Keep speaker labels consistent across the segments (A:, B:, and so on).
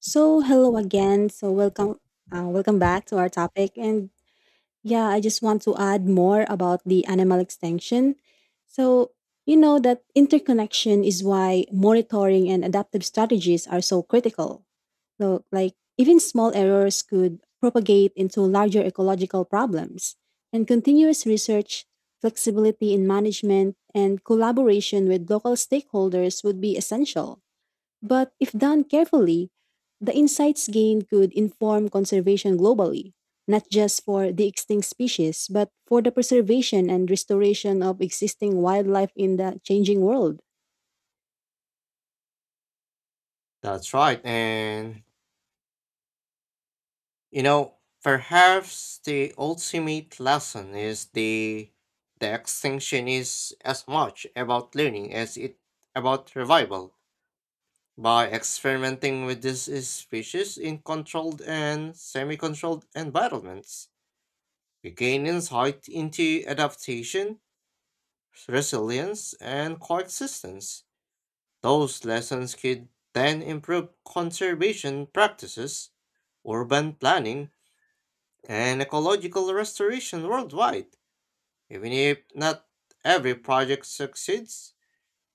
A: So hello again. So welcome, welcome back to our topic. And yeah, I just want to add more about the animal extinction. So you know that interconnection is why monitoring and adaptive strategies are so critical. So like even small errors could propagate into larger ecological problems. And continuous research, flexibility in management, and collaboration with local stakeholders would be essential. But if done carefully, the insights gained could inform conservation globally, not just for the extinct species, but for the preservation and restoration of existing wildlife in the changing world.
B: That's right. You know, Perhaps the ultimate lesson is the extinction is as much about learning as it about revival. By experimenting with this species in controlled and semi-controlled environments, we gain insight into adaptation, resilience, and coexistence. Those lessons could then improve conservation practices, urban planning, and ecological restoration worldwide. Even if not every project succeeds,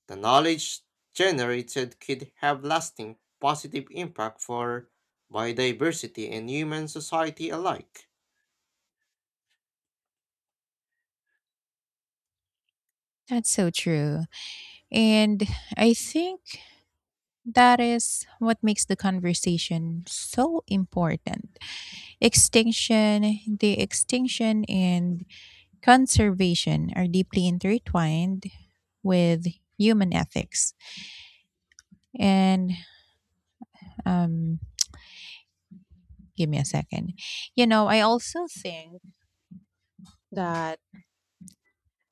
B: the knowledge generated could have lasting positive impact for biodiversity and human society alike.
C: That's so true. And I think that is what makes the conversation so important. Extinction, the extinction and conservation are deeply intertwined with human ethics. And um give me a second. I also think that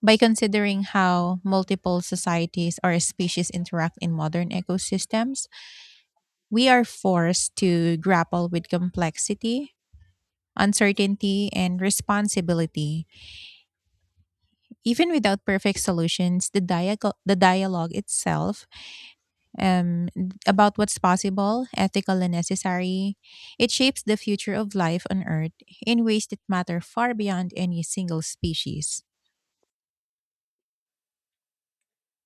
C: by considering how multiple societies or species interact in modern ecosystems, we are forced to grapple with complexity, uncertainty, and responsibility. Even without perfect solutions, the dialogue itself um, about what's possible, ethical, and necessary, it shapes the future of life on Earth in ways that matter far beyond any single species.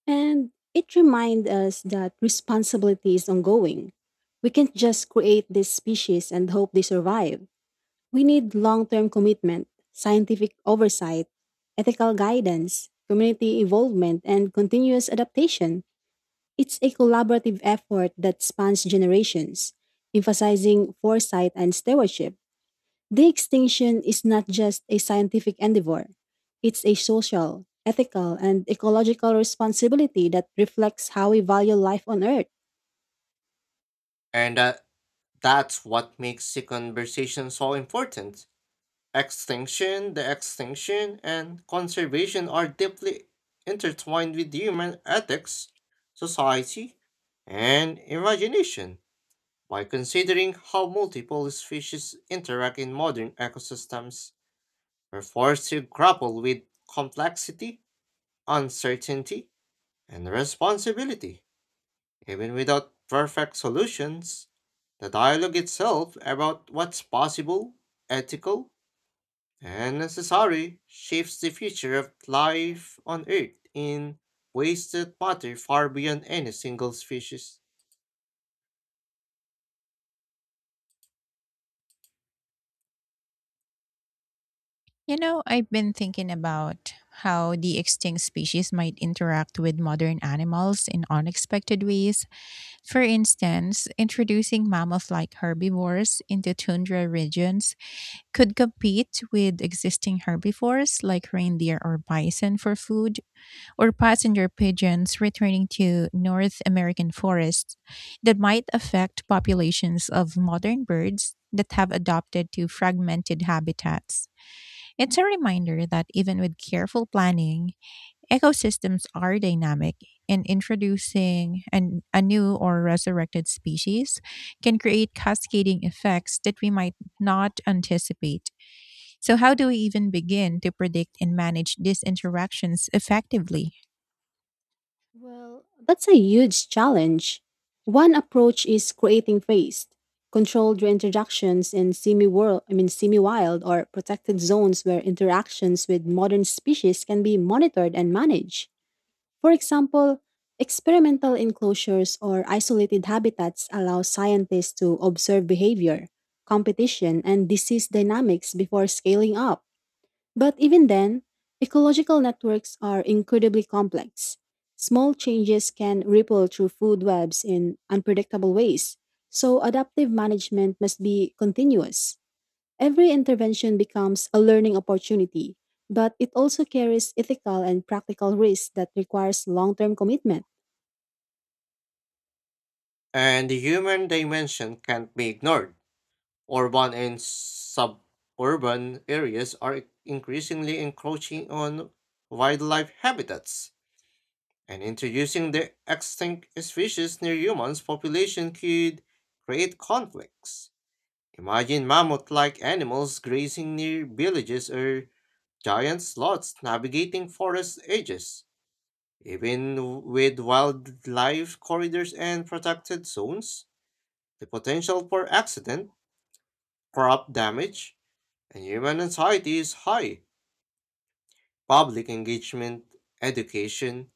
A: And it reminds us that responsibility is ongoing. We can't just create these species and hope they survive. We need long term commitment, scientific oversight, ethical guidance, community involvement, and continuous adaptation. It's a collaborative effort that spans generations, emphasizing foresight and stewardship. The extinction is not just a scientific endeavor, it's a social, ethical, and ecological responsibility that reflects how we value life on Earth.
B: And That's what makes the conversation so important. The extinction, and conservation are deeply intertwined with human ethics, society, and imagination. By considering how multiple species interact in modern ecosystems, we're forced to grapple with complexity, uncertainty, and responsibility. Even without perfect solutions, the dialogue itself about what's possible, ethical, and necessary shapes the future of life on Earth in ways that matter far beyond any single species.
C: I've been thinking about how the extinct species might interact with modern animals in unexpected ways. For instance, introducing mammoth like herbivores into tundra regions could compete with existing herbivores like reindeer or bison for food, or passenger pigeons returning to North American forests that might affect populations of modern birds that have adapted to fragmented habitats. It's a reminder that even with careful planning, ecosystems are dynamic, and introducing a new or resurrected species can create cascading effects that we might not anticipate. So, how do we even begin to predict and manage these interactions effectively?
A: Well, that's a huge challenge. One approach is creating phased, controlled reintroductions in semi-world, I mean semi-wild or protected zones where interactions with modern species can be monitored and managed. For example, experimental enclosures or isolated habitats allow scientists to observe behavior, competition, and disease dynamics before scaling up. But even then, ecological networks are incredibly complex. Small changes can ripple through food webs in unpredictable ways, so adaptive management must be continuous. Every intervention becomes a learning opportunity, but it also carries ethical and practical risks that requires long-term commitment.
B: And the human dimension can't be ignored. Urban and suburban areas are increasingly encroaching on wildlife habitats, and introducing the extinct species near humans' population could create conflicts. Imagine mammoth like animals grazing near villages or giant sloths navigating forest edges. Even with wildlife corridors and protected zones, the potential for accident, crop damage, and human anxiety is high. Public engagement, education,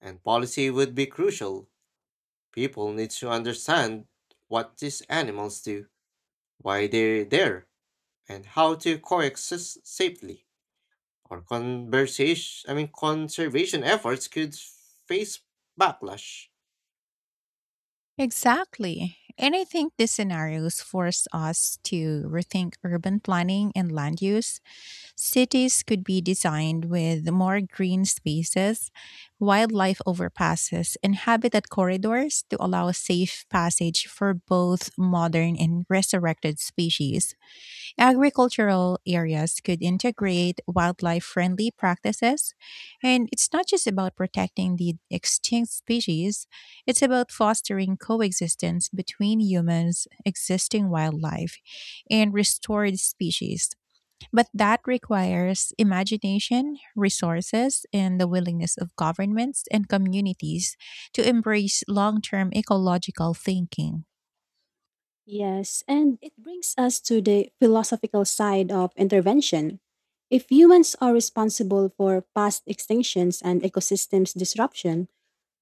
B: and policy would be crucial. People need to understand what these animals do, why they're there, and how to coexist safely. Or conversation, I mean, Conservation efforts could face backlash.
C: Exactly. And I think these scenarios force us to rethink urban planning and land use. Cities could be designed with more green spaces, wildlife overpasses, and habitat corridors to allow safe passage for both modern and resurrected species. Agricultural areas could integrate wildlife friendly practices. And it's not just about protecting the extinct species, it's about fostering coexistence between humans, existing wildlife, and restored species. But that requires imagination, resources, and the willingness of governments and communities to embrace long term ecological thinking.
A: Yes, and it brings us to the philosophical side of intervention. If humans are responsible for past extinctions and ecosystems disruption,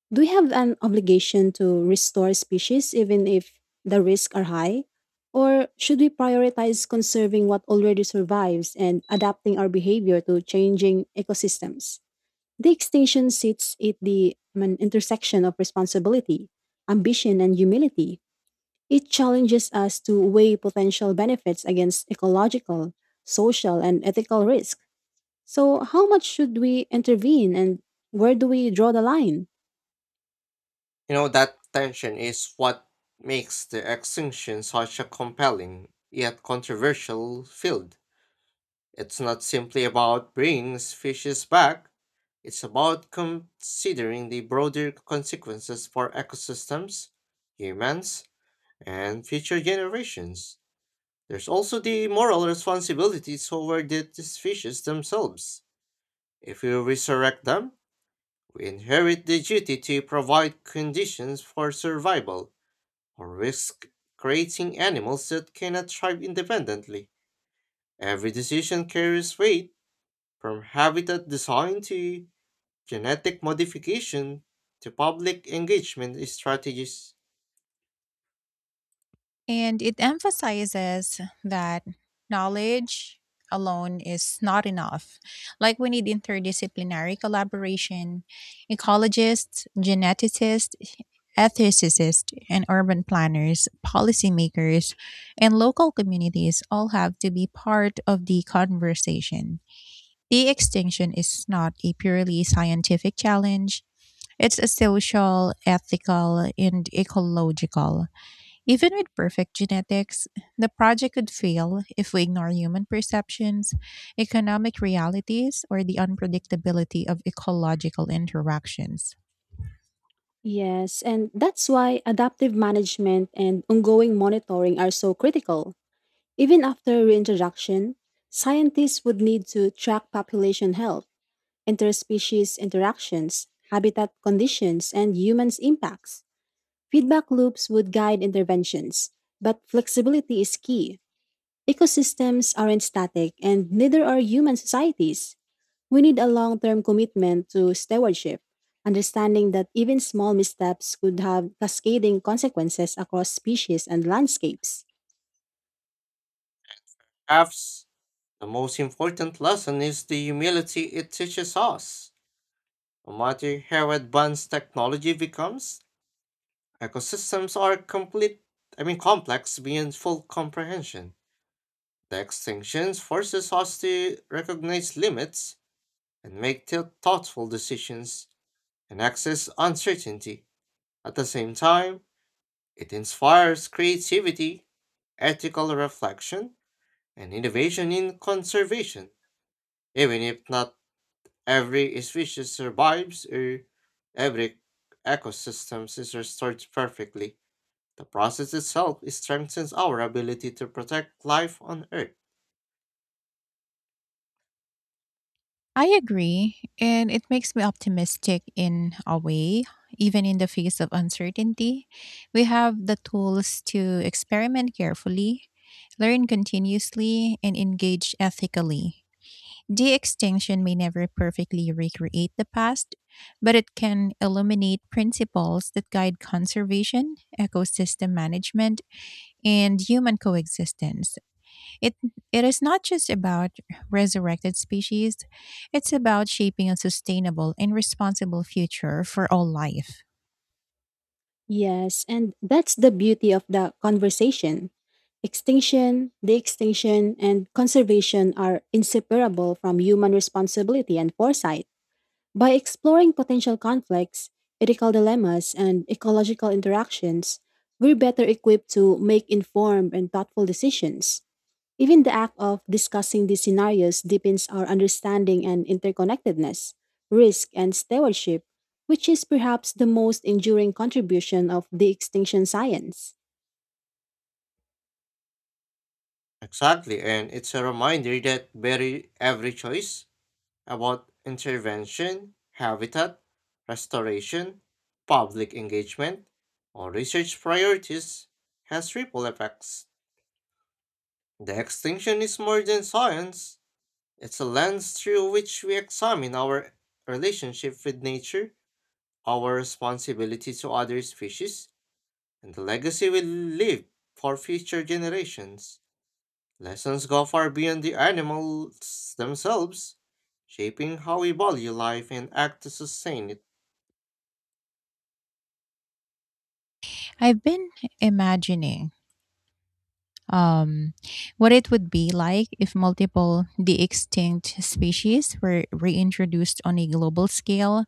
A: do we have an obligation to restore species even if the risks are high? Or should we prioritize conserving what already survives and adapting our behavior to changing ecosystems? The extinction sits at the I mean, intersection of responsibility, ambition, and humility. It challenges us to weigh potential benefits against ecological, social, and ethical risk. So, how much should we intervene and where do we draw the line?
B: You know, that tension is what makes the extinction such a compelling yet controversial field. It's not simply about bringing species back, it's about considering the broader consequences for ecosystems, humans, and future generations. There's also the moral responsibility toward the species themselves. If we resurrect them, we inherit the duty to provide conditions for survival, or risk creating animals that cannot thrive independently. Every decision carries weight. From habitat design to genetic modification to public engagement strategies,
C: And it emphasizes that knowledge alone is not enough. Like, we need interdisciplinary collaboration, ecologists, geneticists, ethicists, and urban planners, policymakers, and local communities all have to be part of the conversation. De extinction is not a purely scientific challenge. It's a social, ethical, and ecological. Even with perfect genetics, the project could fail if we ignore human perceptions, economic realities, or the unpredictability of ecological interactions.
A: Yes, and that's why adaptive management and ongoing monitoring are so critical. Even after reintroduction, scientists would need to track population health, interspecies interactions, habitat conditions, and humans' impacts. Feedback loops would guide interventions, but flexibility is key. Ecosystems aren't static, and neither are human societies. We need a long term commitment to stewardship, understanding that even small missteps could have cascading consequences across species and landscapes.
B: apps, the most important lesson is the humility it teaches us. No matter how advanced technology becomes, ecosystems are complete I mean complex beyond full comprehension. The extinction forces us to recognize limits and make thoughtful decisions and access uncertainty. At the same time, it inspires creativity, ethical reflection, and innovation in conservation, even if not every species survives or every ecosystem is restored perfectly. The process itself strengthens our ability to protect life on Earth.
C: I agree, and it makes me optimistic in a way. Even in the face of uncertainty, we have the tools to experiment carefully, learn continuously, and engage ethically. De extinction may never perfectly recreate the past, but it can illuminate principles that guide conservation, ecosystem management, and human coexistence. It, it is not just about resurrected species, it's about shaping a sustainable and responsible future for all life.
A: Yes, and that's the beauty of the conversation. Extinction, de extinction, and conservation are inseparable from human responsibility and foresight. By exploring potential conflicts, ethical dilemmas, and ecological interactions, we're better equipped to make informed and thoughtful decisions. Even the act of discussing these scenarios deepens our understanding and interconnectedness, risk, and stewardship, which is perhaps the most enduring contribution of the extinction science.
B: Exactly, and it's a reminder that very every choice about intervention, habitat, restoration, public engagement, or research priorities has ripple effects. The extinction is more than science, it's a lens through which we examine our relationship with nature, our responsibility to other species, and the legacy we leave for future generations. Lessons go far beyond the animals themselves, shaping how we value life and act to sustain it.
C: I've been imagining um, what it would be like if multiple de extinct species were reintroduced on a global scale,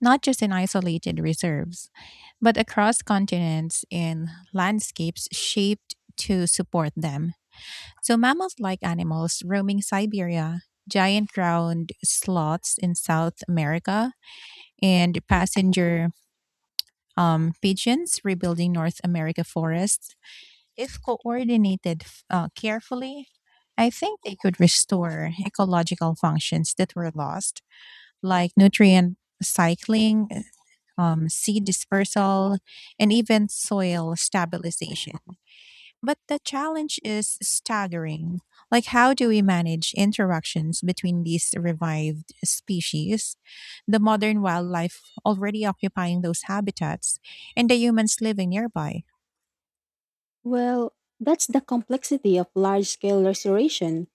C: not just in isolated reserves, but across continents in landscapes shaped to support them. So, mammals like animals roaming Siberia, giant ground sloths in South America, and passenger pigeons rebuilding North America forests, if coordinated carefully, I think they could restore ecological functions that were lost, like nutrient cycling, seed dispersal, and even soil stabilization. But the challenge is staggering. Like, how do we manage interactions between these revived species, the modern wildlife already occupying those habitats, and the humans living nearby?
A: Well, that's the complexity of large scale restoration.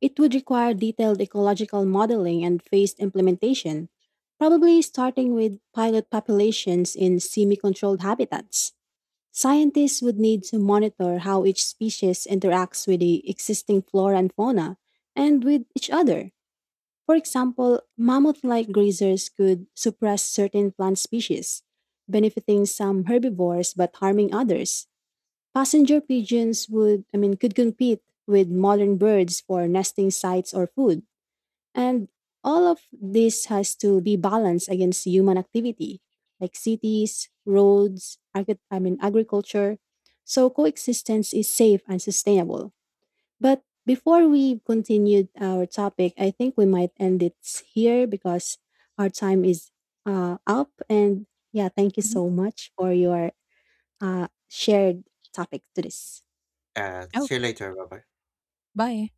A: It would require detailed ecological modeling and phased implementation, probably starting with pilot populations in semi controlled habitats. Scientists would need to monitor how each species interacts with the existing flora and fauna and with each other. For example, mammoth like grazers could suppress certain plant species, benefiting some herbivores but harming others. Passenger pigeons would, I mean, could compete with modern birds for nesting sites or food and all of this has to be balanced against human activity, like cities, roads, agri- I mean agriculture. So coexistence is safe and sustainable. But before we continue our topic, I think we might end it here because our time is up. And yeah, thank you
C: Mhm.
A: so much for your shared topic to this.
C: Oh,
B: See you later. Bye bye.
C: bye.